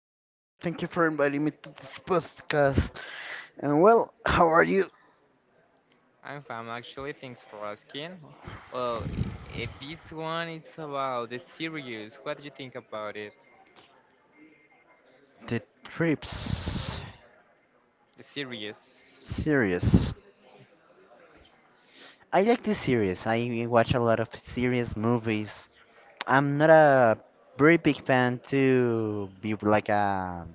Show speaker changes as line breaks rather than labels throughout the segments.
I'm good. Thank you for inviting me to this podcast. And well, how are you?
I'm fine actually, thanks for asking. Well, this one is about the series. What do you think about it?
The trips
The series.
series. I like the series. I watch a lot of series movies. I'm not a very big fan to be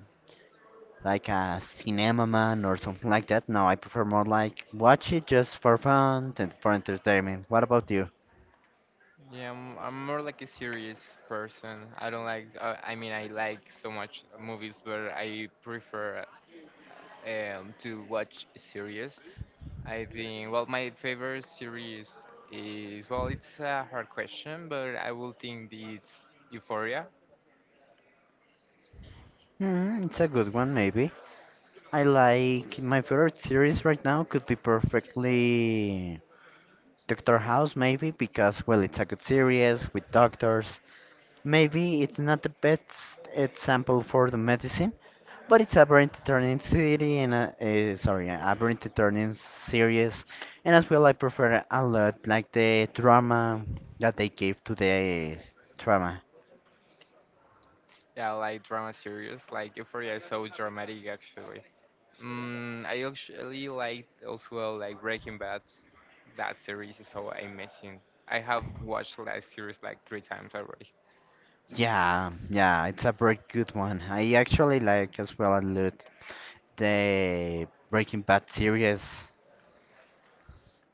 like a cinema man or something like that. No, I prefer more like watch it just for fun and for entertainment. What about you?
Yeah, I'm more like a serious person. I don't like, I mean, I like so much movies, but I prefer to watch series. I think, well, my favorite series is, well, it's a hard question, but I will think it's Euphoria.
Hmm, it's a good one, maybe. I like my favorite series right now could be perfectly Doctor House, maybe because well, it's a good series with doctors. Maybe it's not the best example for the medicine, but it's a very entertaining city and a, sorry, a very entertaining series. And as well, I prefer a lot like the drama that they gave to the drama.
Yeah, I like drama series. Like Euphoria is so dramatic, actually. I actually like also like Breaking Bad. That series is so amazing. I have watched that series like three times already.
Yeah, it's a very good one. I actually like as well a lot. The Breaking Bad series.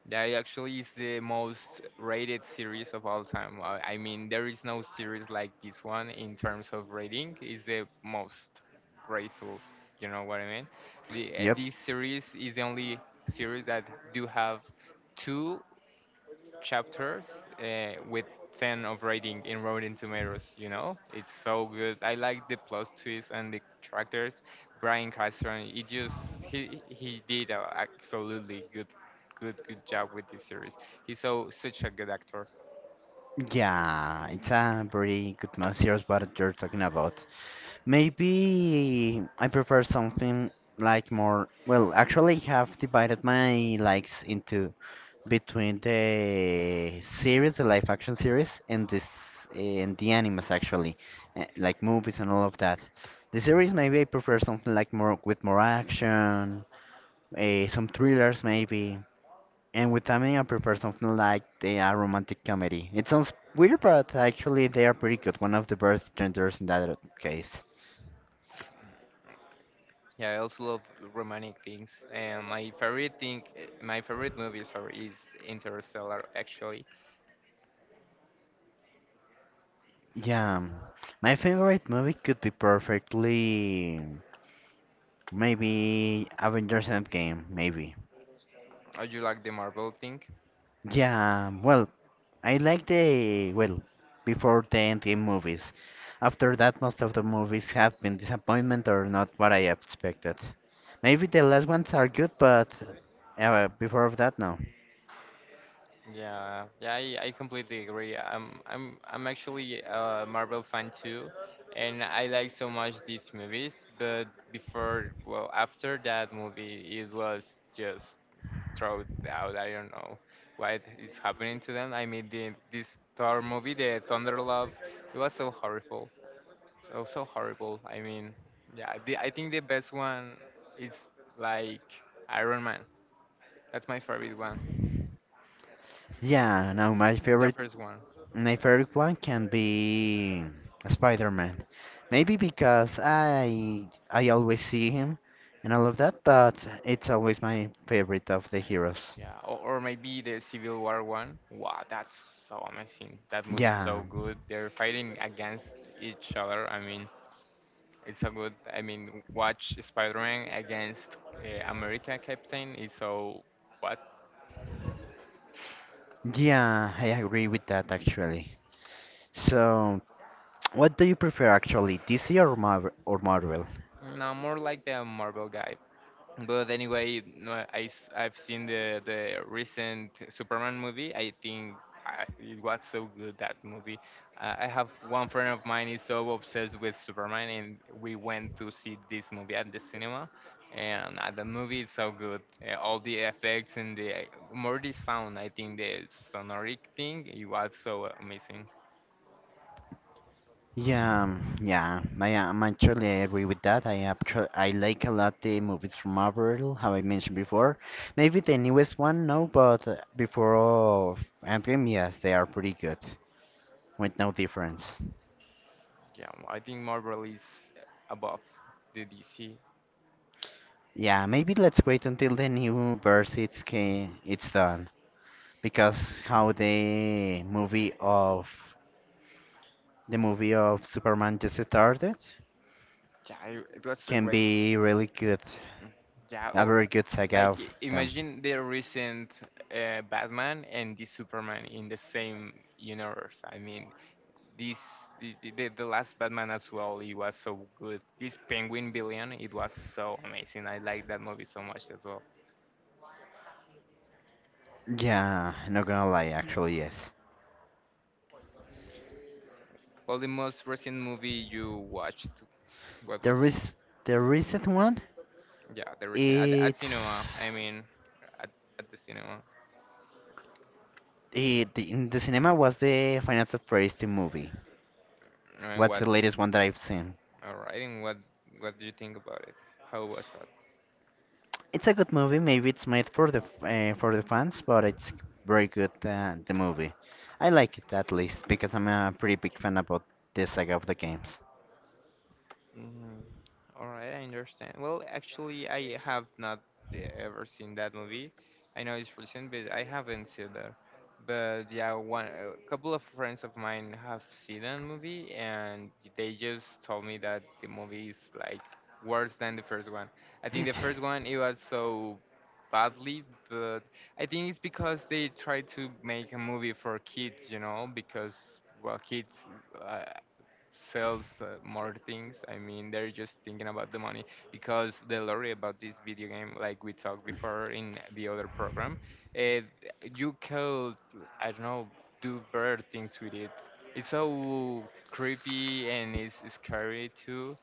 That actually is the most rated series of all time. I mean, there is no series like this one in terms of rating. It's the most grateful. You know what I mean? The
Yep.
This series is the only series that do have two chapters with 10 of rating in Rotten Tomatoes, you know? It's so good. I like the plot twist and the characters. Brian Cranston, he just he did a absolutely good job with this series. He's so such a good actor.
Yeah, it's a very good series what you're talking about. Maybe I prefer something like more. Well, actually, I have divided my likes into between the series, the live action series, and this and the animes actually, like movies and all of that. The series maybe I prefer something like more with more action, some thrillers maybe. And with anime, I prefer something like the romantic comedy. It sounds weird, but actually they are pretty good. One of the best genders in that case.
Yeah, I also love romantic things. And my favorite thing, my favorite movie, sorry, is Interstellar. Actually,
Yeah, um, my favorite movie could be perfectly maybe Avengers Endgame, maybe.
I do like the Marvel thing.
Yeah, well, I like the well before the Endgame movies. After that, most of the movies have been disappointment or not what I expected. Maybe the last ones are good, but before of that, no.
Yeah, yeah, I completely agree. I'm actually a Marvel fan too, and I like so much these movies. But before, well, after that movie, it was just thrown out. I don't know why it's happening to them. I mean, this Thor movie, the Thunder Love, it was so horrible, so horrible. I mean, yeah, I think the best one is like Iron Man. That's my favorite one,
Yeah, now
the first one.
my favorite one can be Spider-Man. Maybe because I always see him and all of that, but it's always my favorite of the heroes.
Yeah, or maybe the Civil War one. Wow, that's so amazing. That movie is
Yeah.
so good. They're fighting against each other. I mean, it's so good. I mean, watch Spider-Man against America Captain is so what?
Yeah, I agree with that actually. So, what do you prefer actually, DC or Marvel?
No, more like the Marvel guy. But anyway, no, I have seen the recent Superman movie. I think it was so good that movie. I have one friend of mine is so obsessed with Superman, and we went to see this movie at the cinema. And the movie is so good. All the effects and the more the sound. I think the sonoric thing it was so amazing.
Yeah, I am actually I agree with that. I actually I like a lot the movies from Marvel, how I mentioned before. Maybe the newest one, no, but before of Endgame, yes, they are pretty good, with no difference.
Yeah, I think Marvel is above the DC.
Yeah, maybe let's wait until the new verse it's done, because how the movie of Superman just started
Yeah, it was so
can
great.
be really good,
Mm. Yeah,
a very good saga
like
of them.
imagine the recent Batman and the Superman in the same universe. I mean, this the last Batman as well. It was so good. This Penguin Billion, it was so amazing. I like that movie so much as well.
Yeah, not gonna lie, actually, yes.
Well, the most recent movie you watched, what was
There is the recent one.
it? Yeah, the recent at
It's
cinema. I mean, at, at the cinema.
in the cinema was the Final Fantasy movie.
And
What's
what?
the latest one that I've seen?
All right. And what? What do you think about it? How was it?
It's a good movie. Maybe it's made for the for the fans, but it's very good. The movie, I like it at least because I'm a pretty big fan about the saga of the games.
Mm, all right, I understand. Well, actually, I have not ever seen that movie. I know it's recent, but I haven't seen that. But yeah, one a couple of friends of mine have seen that movie, and they just told me that the movie is like worse than the first one. I think the first one it was so badly, but I think it's because they tried to make a movie for kids, you know, because well, kids. Uh, Sells more things. I mean, they're just thinking about the money because the lorry about this video game, like we talked before in the other program, uh, you could, I don't know, do better things with it. It's so creepy and it's scary too.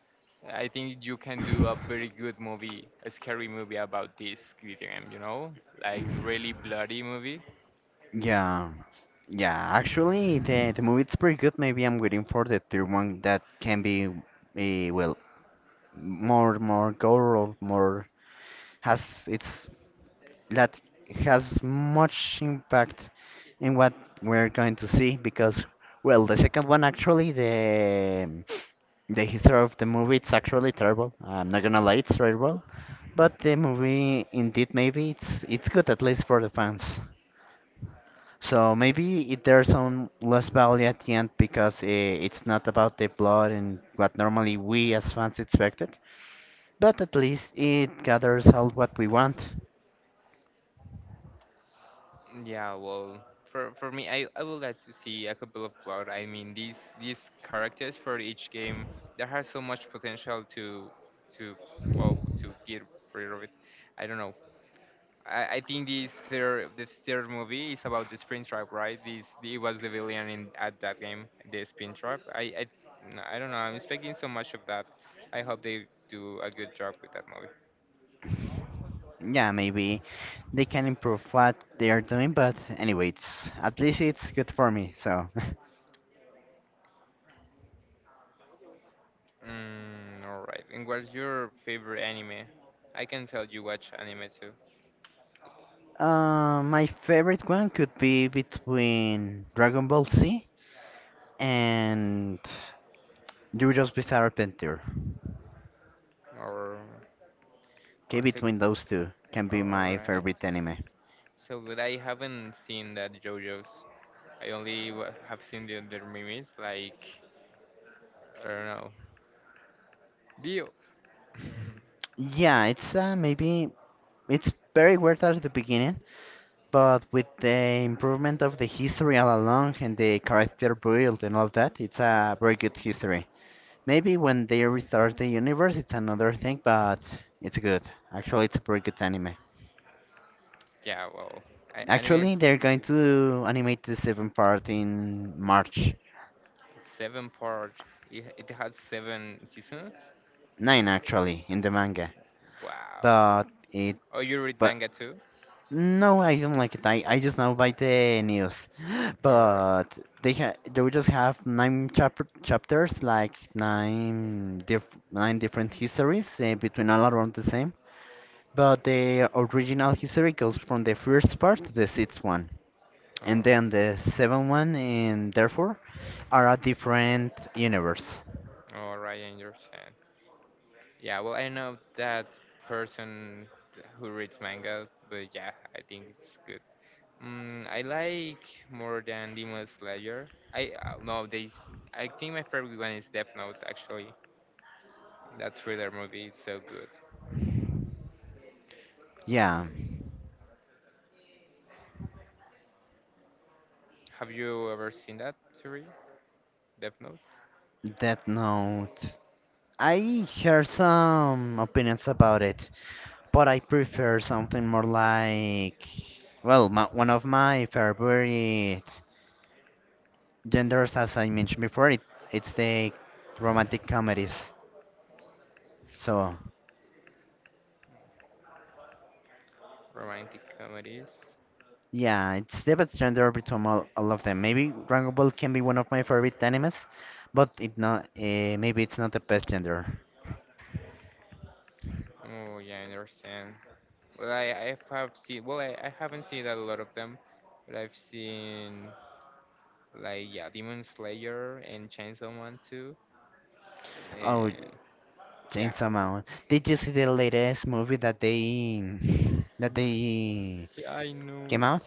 I think you can do a very good movie, a scary movie about this video game, you know? Like really bloody movie.
Yeah, yeah. Actually, the movie it's pretty good. Maybe I'm waiting for the third one that can be, well, more gore or more has it's that has much impact in what we're going to see because well, the second one actually the history of the movie it's actually terrible. I'm not gonna lie, it's terrible, but the movie indeed maybe it's good at least for the fans. So maybe it, there's some less value at the end because it's not about the plot and what normally we as fans expected, but at least it gathers all what we want.
Yeah, well, for me, I would like to see a couple of plot. I mean, these characters for each game, there has so much potential to well to get rid of it. I don't know. I think this third movie is about the spin trap, right? This it was the villain in at that game, the spin trap. I don't know. I'm expecting so much of that. I hope they do a good job with that movie.
Yeah, maybe they can improve what they are doing, but anyways, at least it's good for me. So,
All right. And what's your favorite anime? I can tell you watch anime too.
my favorite one could be between Dragon Ball Z and JoJo's Bizarre Adventure.
Or, or
Okay,
is it?
between those two can be
All
my
right.
favorite anime.
So good. I haven't seen that JoJo's. I only have seen the other memes like I don't know. Dio.
Yeah, it's maybe it's very weird at the beginning, but with the improvement of the history all along and the character build and all that, it's a very good history. Maybe when they restart the universe, it's another thing, but it's good. Actually, it's a very good anime.
Yeah. Well, anime
Actually,
it's a
they're going to animate the seventh part in March.
seven part. It has seven seasons.
Nine, actually, in the manga.
Wow.
But it,
Oh, you read
but.
manga too?
No, I don't like it. I just know by the news.
All right.
But they will just have nine chapters, like nine different histories between all around the same. But the original history goes from the first part to the sixth one.
All
And
right.
then the seventh one and therefore are a different universe.
All right. I understand. Yeah, well, I know that person who reads manga, but yeah, I think it's good. I like more than Demon Slayer. I no, I think my favorite one is Death Note. Actually, that thriller movie is so good.
Yeah.
Have you ever seen that series, Death Note?
That note. I heard some opinions about it. But I prefer something more like, one of my favorite genders, as I mentioned before, it's the romantic comedies. So,
Romantic comedies.
yeah, it's the best gender between all of them. Maybe Dragon Ball can be one of my favorite animes, but it not, maybe it's not the best gender.
Oh yeah, I understand. Well, I have seen. Well, I haven't seen a lot of them, but I've seen like yeah, Demon Slayer and Chainsaw Man too.
Oh,
Uh, yeah,
Chainsaw Man. Did you see the latest movie that they
yeah, I know.
came out?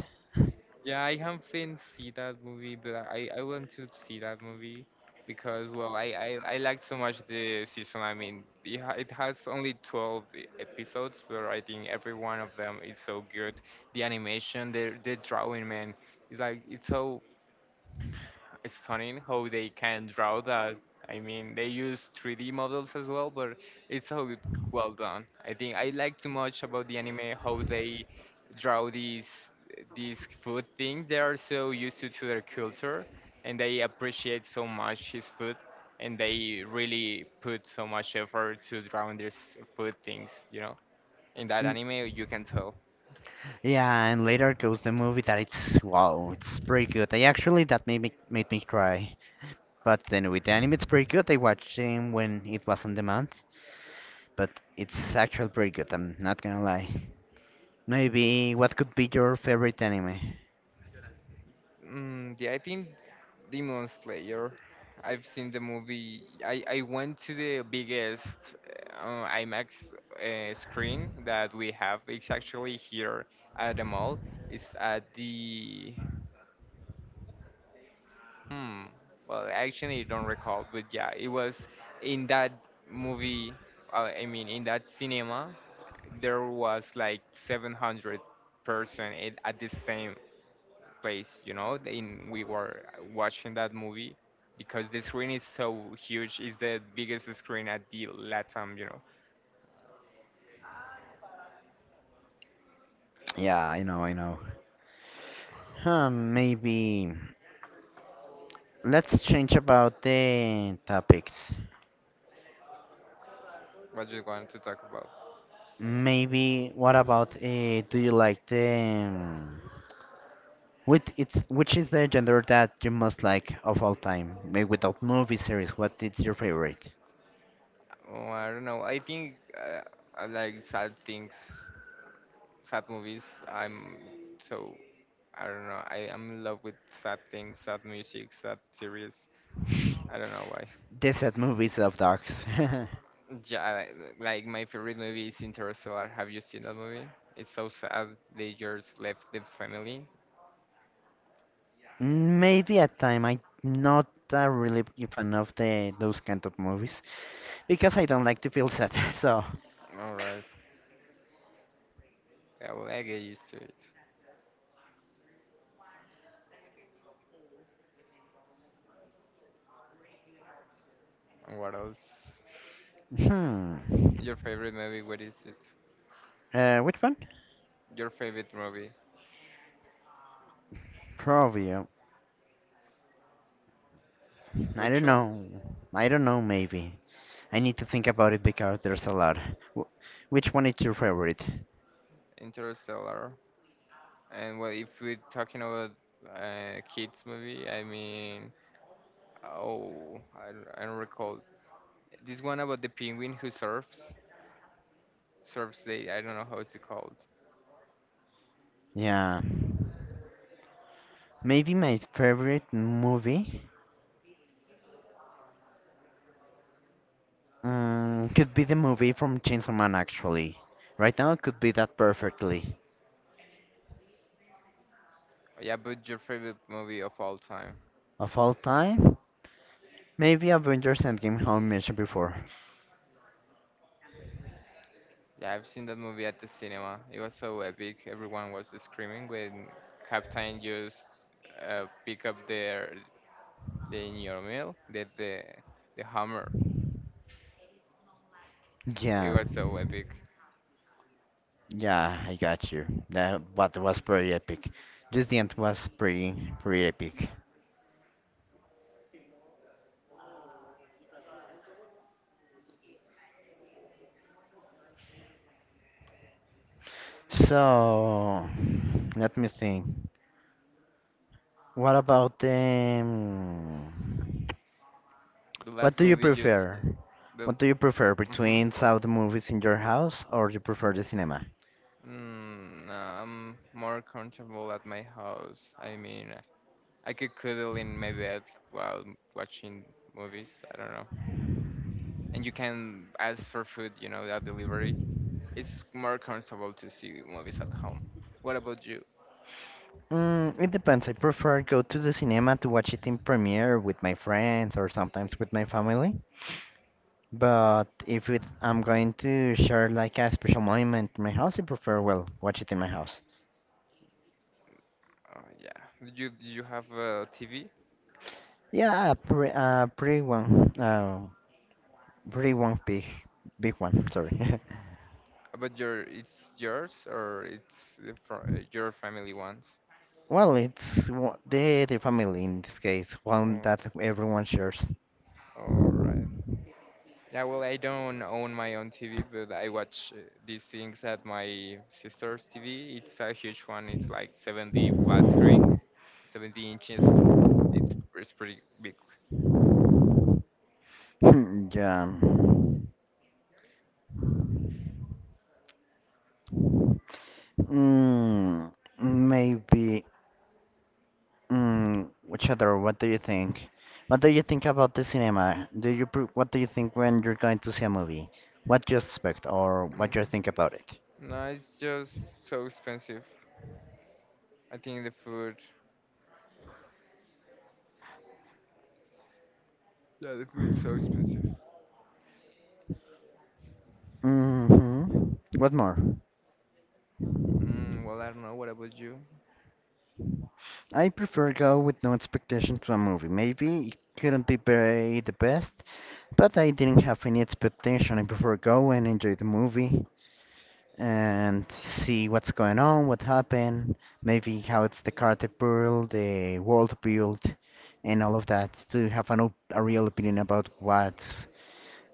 Yeah, I haven't seen that movie, but I want to see that movie because well, I like so much the season. I mean, it has only 12 episodes, but I think every one of them is so good. The animation, the drawing, man, it's like it's so stunning how they can draw that. I mean, they use 3D models as well, but it's so well done. I think I like too much about the anime how they draw these food things. They are so used to their culture, and they appreciate so much his food, and they really put so much effort to drawing these food things. You know, in that
N-
anime, you can tell.
Yeah, and later goes the movie that it's wow, it's pretty good. I actually that made me cry. But then with the anime, it's pretty good. I watched him when it was on demand, but it's actually pretty good. I'm not gonna lie. Maybe what could be your favorite anime?
Yeah, I think Demon Slayer. I've seen the movie. I went to the biggest IMAX screen that we have. It's actually here at the mall. It's at the hmm. Well, actually, I don't recall, but yeah, it was in that movie. I mean, in that cinema, there was like 700 person at the same place, you know, in we were watching that movie because the screen is so huge. It's the biggest screen at the Latam, you know.
Yeah, I know. Huh, maybe let's change about the topics.
What do you want to talk about?
Maybe what about do you like the um, With it's which is the genre that you most like of all time? Maybe without movie series, what is your favorite?
Oh, I don't know. I think I like sad things, sad movies. I'm so I don't know. I am in love with sad things, sad music, sad series. I don't know why.
Desert movies of dogs.
Yeah, I like my favorite movie is Interstellar. Have you seen that movie? It's so sad. They just left the family.
Maybe at time I'm not a really big fan of the those kind of movies because I don't like to feel sad. So,
Alright. I will I get used to it. And what else?
hmm,
Your favorite movie? What is it?
which one?
Your favorite movie?
Probably. I
Which
don't
one?
know. I don't know. Maybe. I need to think about it because there's a lot. Wh- Which one is your favorite?
Interstellar. And well, if we're talking about kids movie, I mean, I don't recall this one about the penguin who surfs. Surfs Day. I don't know how it's called.
Yeah. Maybe my favorite movie could be the movie from Chainsaw Man, actually. Right now, it could be that perfectly.
Yeah, but your favorite movie of all time?
Of all time, maybe Avengers Endgame, how I mentioned before.
Yeah, I've seen that movie at the cinema. It was so epic. Everyone was screaming when Captain just pick up their the In Your Meal, the Hammer. It
Yeah.
was so epic.
Yeah, I got you. That what was pretty epic. Just the end was pretty epic. So let me think. What about the mm,
The
What
last
do you
movie just
prefer?
the.
What do you prefer
Mhm.
between saw the movies in your house or you prefer the cinema?
No, I'm more comfortable at my house. I mean, I could cuddle in my bed while watching movies. I don't know. And you can ask for food, you know, that delivery. It's more comfortable to see movies at home. What about you?
Mm, it depends. I prefer go to the cinema to watch it in premiere with my friends or sometimes with my family. But if it's, I'm going to share like a special moment in my house, I prefer well watch it in my house.
Oh, yeah. Did you have a TV?
Yeah, a pre, pretty one big, big one. Sorry.
But your it's yours or it's the your family ones?
Well, the the family in this case, one
Oh,
that everyone shares.
all right. Yeah, well, I don't own my own TV, but I watch these things at my sister's TV. It's a huge one. It's like 70 flat screen, 70 inches. It's pretty big.
Hmm, yeah. Mm, maybe. Mm, which other? What do you think? What do you think about the cinema? Do you pr what do you think when you're going to see a movie? What you expect or what you
Mm.
think about it?
No, it's just so expensive. I think the food. Yeah, the food's so expensive.
Mm-hmm. What more?
Well, I don't know. What about you?
I prefer go with no expectation to a movie. Maybe it couldn't be very the best, but I didn't have any expectation. I prefer go and enjoy the movie and see what's going on, what happened, maybe how it's the character build, the world build, and all of that to have a real opinion about what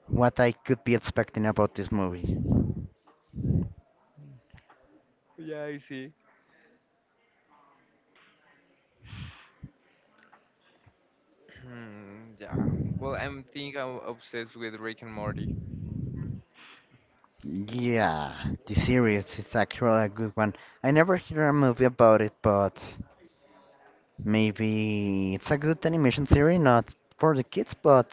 what I could be expecting about this movie.
Yeah, I see. Hmm, yeah. Well, I'm think I'm obsessed with Rick and Morty.
Yeah, the series is actually a good one. I never hear a movie about it, but maybe it's a good animation series, not for the kids, but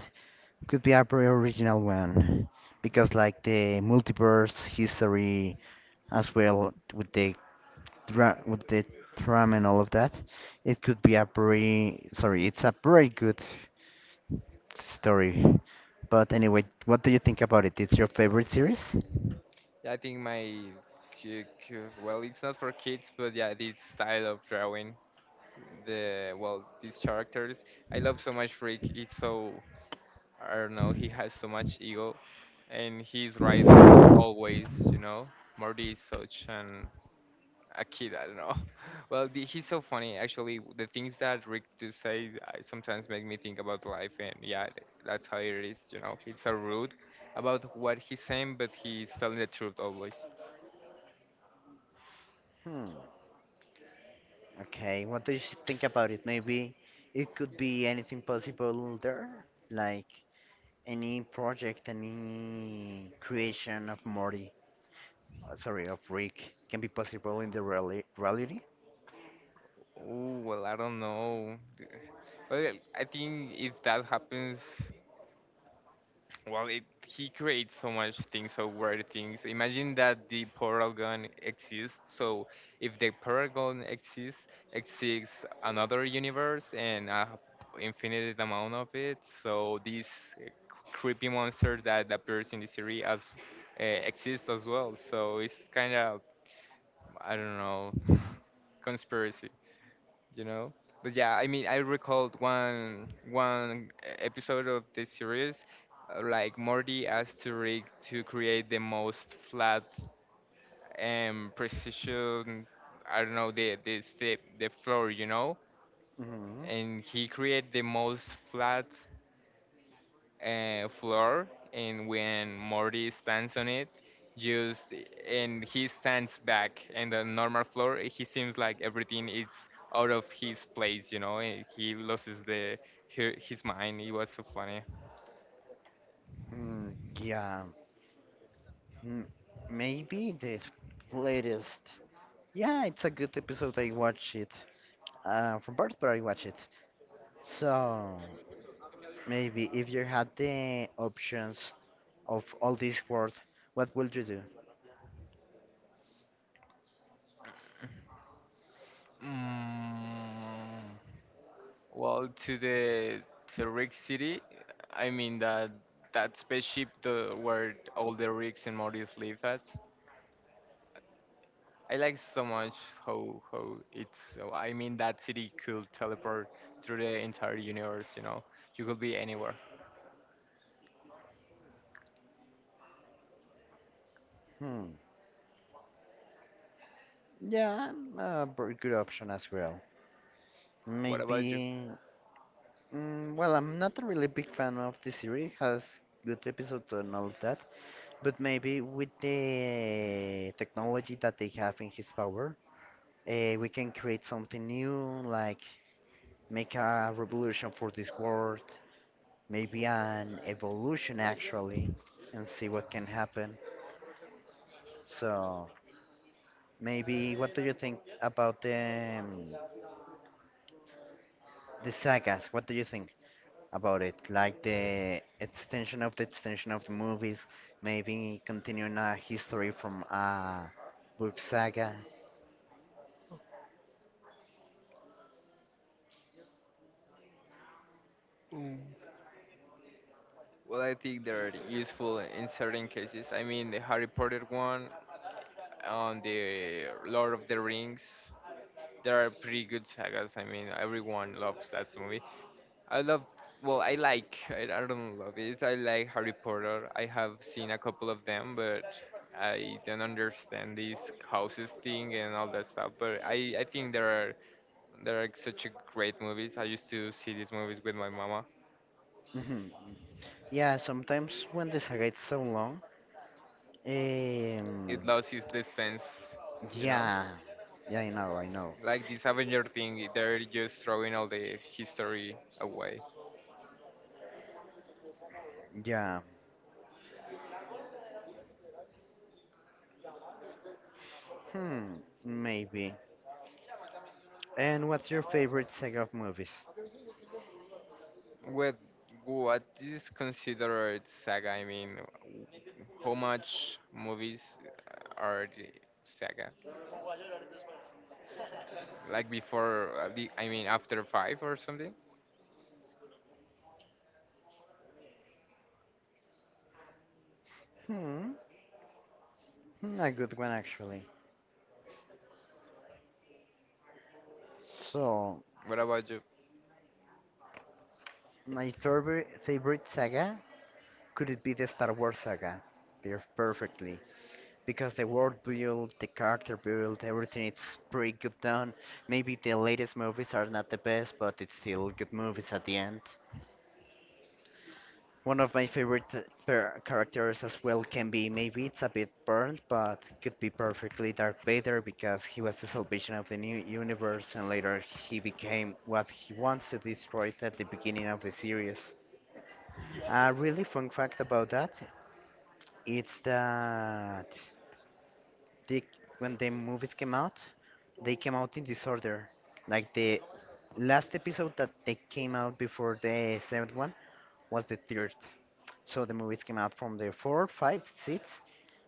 could be a very original one. Because like the multiverse history as well with the dra- with the drum and all of that. It could be a it's a very good story. But anyway, what do you think about it? It's your favorite series?
Yeah, I think my well, it's not for kids, but yeah, this style of drawing the well, these characters. I love so much Rick. It's so I don't know. He has so much ego, and he's right always. You know, Morty is such an a kid. I don't know. Well, he's so funny. Actually, the things that Rick do say sometimes make me think about life, and yeah, that's how it is. You know, it's so rude about what he's saying, but he's telling the truth always.
Hmm. Okay. What do you think about it? Maybe it could be anything possible there, like any project, any creation of Morty, of Rick, can be possible in the reality.
Oh, well, I don't know. Well, I think if that happens, well, it he creates so much things, so weird things. Imagine that the portal gun exists. So if the portal gun exists, exists another universe and a infinite amount of it. So these uh, creepy monsters that appears in the series as uh, exist as well. So it's kind of I don't know, conspiracy. You know. But yeah, I mean, I recalled one episode of this series, like Morty asked to Rick to create the most flat and precision, I don't know, the floor, you know,
Mm-hmm.
and he created the most flat floor, and when Morty stands on it, just and he stands back in the normal floor, he seems like everything is out of his place, you know, and he loses his mind. It was so funny.
Mm, yeah. Mm, maybe the latest. Yeah, it's a good episode. I watch it from birth, but I watch it. So maybe if you had the options of all this world, what would you do?
Mm, well, to the to Rick City, I mean that that spaceship the, where all the Ricks and Mortys live at. I like so much how it's. So- I mean, that city could teleport through the entire universe. You know, you could be anywhere.
Hmm. Yeah, a very good option as well.
What about you?
Maybe. Mm, well, I'm not a really big fan of the series. Has good episodes and all of that. But maybe with the technology that they have in his power. We can create something new, like make a revolution for this world, maybe an evolution actually, and see what can happen. So maybe what do you think about the sagas? What do you think about it? Like the extension of the movies, maybe continuing a history from a book saga.
Mm. Well, I think they're useful in certain cases. I mean, the Harry Potter one on the Lord of the Rings. They are pretty good sagas. I mean, everyone loves that movie. I love, well, I like, I don't love it. I like Harry Potter. I have seen a couple of them, but I don't understand this houses thing and all that stuff. But I think there are such a great movies. I used to see these movies with my mama.
Mhm. Yeah, sometimes when the saga is so long, um,
It loses the sense, you know,
Yeah, I know.
like this Avenger thing. They're just throwing all the history away.
Yeah, hmm, maybe. And what's your favorite saga of movies?
With what is considered saga? I mean, how much movies are the saga? Like before, the I mean after five or something.
Hmm, a good one actually. So,
What about you?
my third favorite saga could it be the Star Wars saga? Perfectly, because the world build, the character build, everything it's pretty good done. Maybe the latest movies are not the best, but it's still good movies at the end. One of my favorite characters as well can be maybe it's a bit burnt, but could be perfectly Darth Vader because he was the salvation of the new universe and later he became what he wants to destroy at the beginning of the series. A really fun fact about that the, when the movies came out, they came out in disorder. Like the last episode that they came out before the seventh one was the third. So the movies came out from the four, five, six,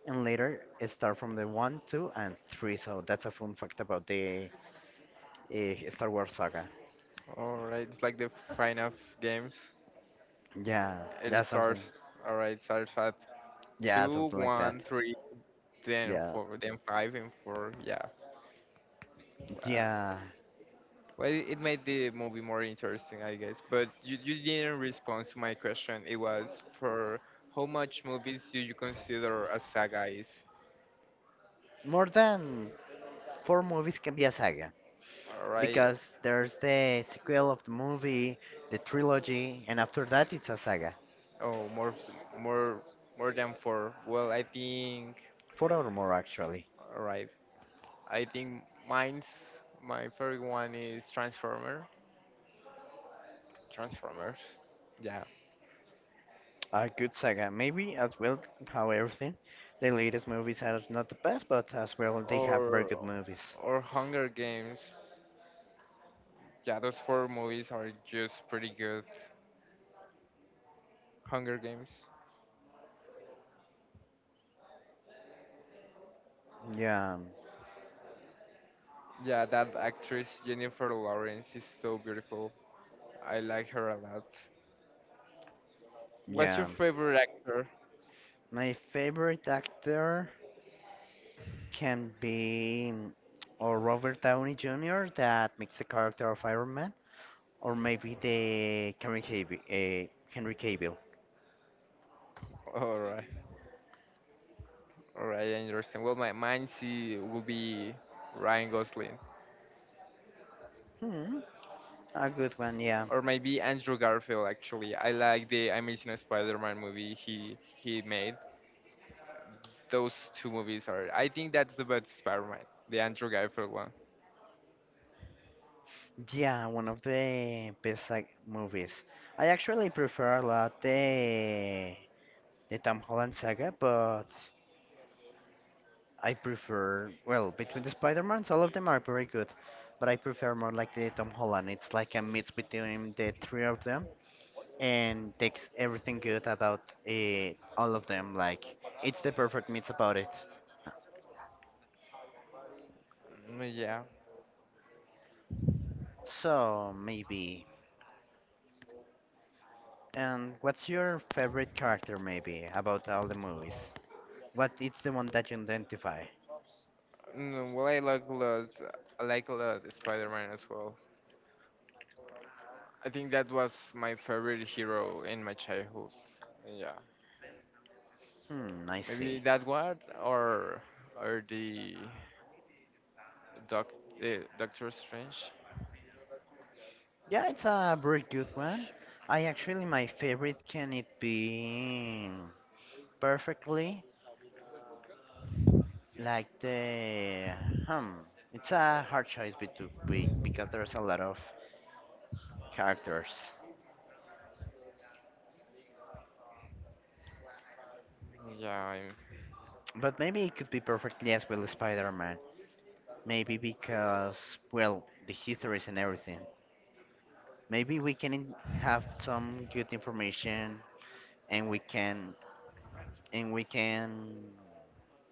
and later it start from the one, two, and three. So that's a fun fact about the Star Wars saga.
All right, it's like the final games.
Yeah, yeah,
It
something,
starts. All right, starts at
yeah,
two,
something like that.
one, three, then
Yeah,
four, then five and four. Yeah. Uh,
yeah.
well, it made the movie more interesting, I guess. But you didn't respond to my question. It was for how much movies do you consider a saga is?
More than four movies can be a saga
All right.
because there's the sequel of the movie, the trilogy, and after that it's a saga.
Oh, more, more than four. Well, I think,
Four or more actually.
all right. I think mine's my favorite one is Transformer, Transformers. Yeah.
A good saga, maybe as well how everything. The latest movies are not the best, but as well they have very good
Or,
movies.
or Hunger Games. Yeah, those four movies are just pretty good. Hunger Games.
Yeah,
Yeah, that actress Jennifer Lawrence is so beautiful. I like her a lot. What's your
yeah.
favorite actor?
My favorite actor can be mm, or Robert Downey Jr. that makes the character of Iron Man, or maybe the Henry Cavill.
All right, all right, I understand. Well, my mine see will be Ryan Gosling.
Hmm, a good one, yeah.
Or maybe Andrew Garfield. Actually, I like the Amazing Spider-Man movie he made. Those two movies are. I think that's the best Spider-Man, the Andrew Garfield one.
Yeah, one of the best like, movies. I actually prefer a lot the Tom Holland saga, but I prefer, well, between the Spider-Mans, all of them are very good, but I prefer more like the Tom Holland. It's like a mix between the three of them and takes everything good about uh, all of them. Like, it's the perfect mix about it.
Mm, yeah.
So, maybe. And what's your favorite character, maybe, about all the movies? What is the one that you identify?
Mm, well, I like a lot. I like a lot Spider-Man as well. I think that was my favorite hero in my childhood. Yeah,
Hmm, I
maybe
see.
that one or or doc, Doctor Strange.
Yeah, it's a very good one. I actually, my favorite can it be perfectly? Like the hmm, it's a hard choice because there's a lot of characters.
Yeah,
But maybe it could be perfectly as well Spider-Man. Maybe because well, the histories and everything. Maybe we can have some good information and we can and we can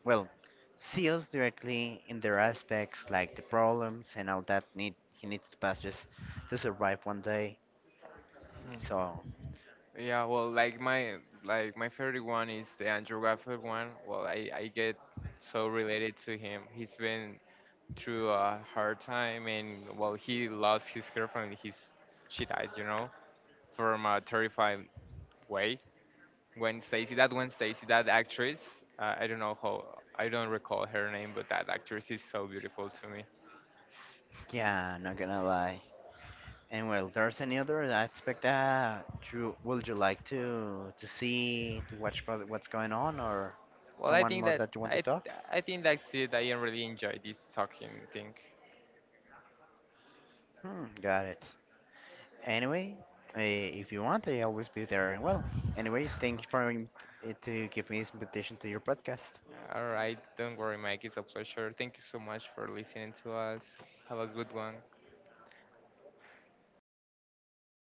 well see us directly in their aspects like the problems and all that need he needs to pass just to survive one day.
I'm,
So
yeah, well, like my favorite one is the Andrew Garfield one. Well, I get so related to him. He's been through a hard time, and well, he lost his girlfriend. His she died, you know, from a terrifying way. When Stacy, that actress, I don't recall her name, but that actress is so beautiful to me.
yeah, not gonna lie. And well, there's any other aspect that you would you like to see to watch about what's going on or
Well,
someone more that you want to talk?
I think that's it. I really enjoy this talking thing.
Hmm, got it. Anyway, if you want, I always be there. And well, anyway, thank you for to give me this invitation to your podcast.
All right, don't worry, Mike. It's a pleasure. Thank you so much for listening to us. Have a good one.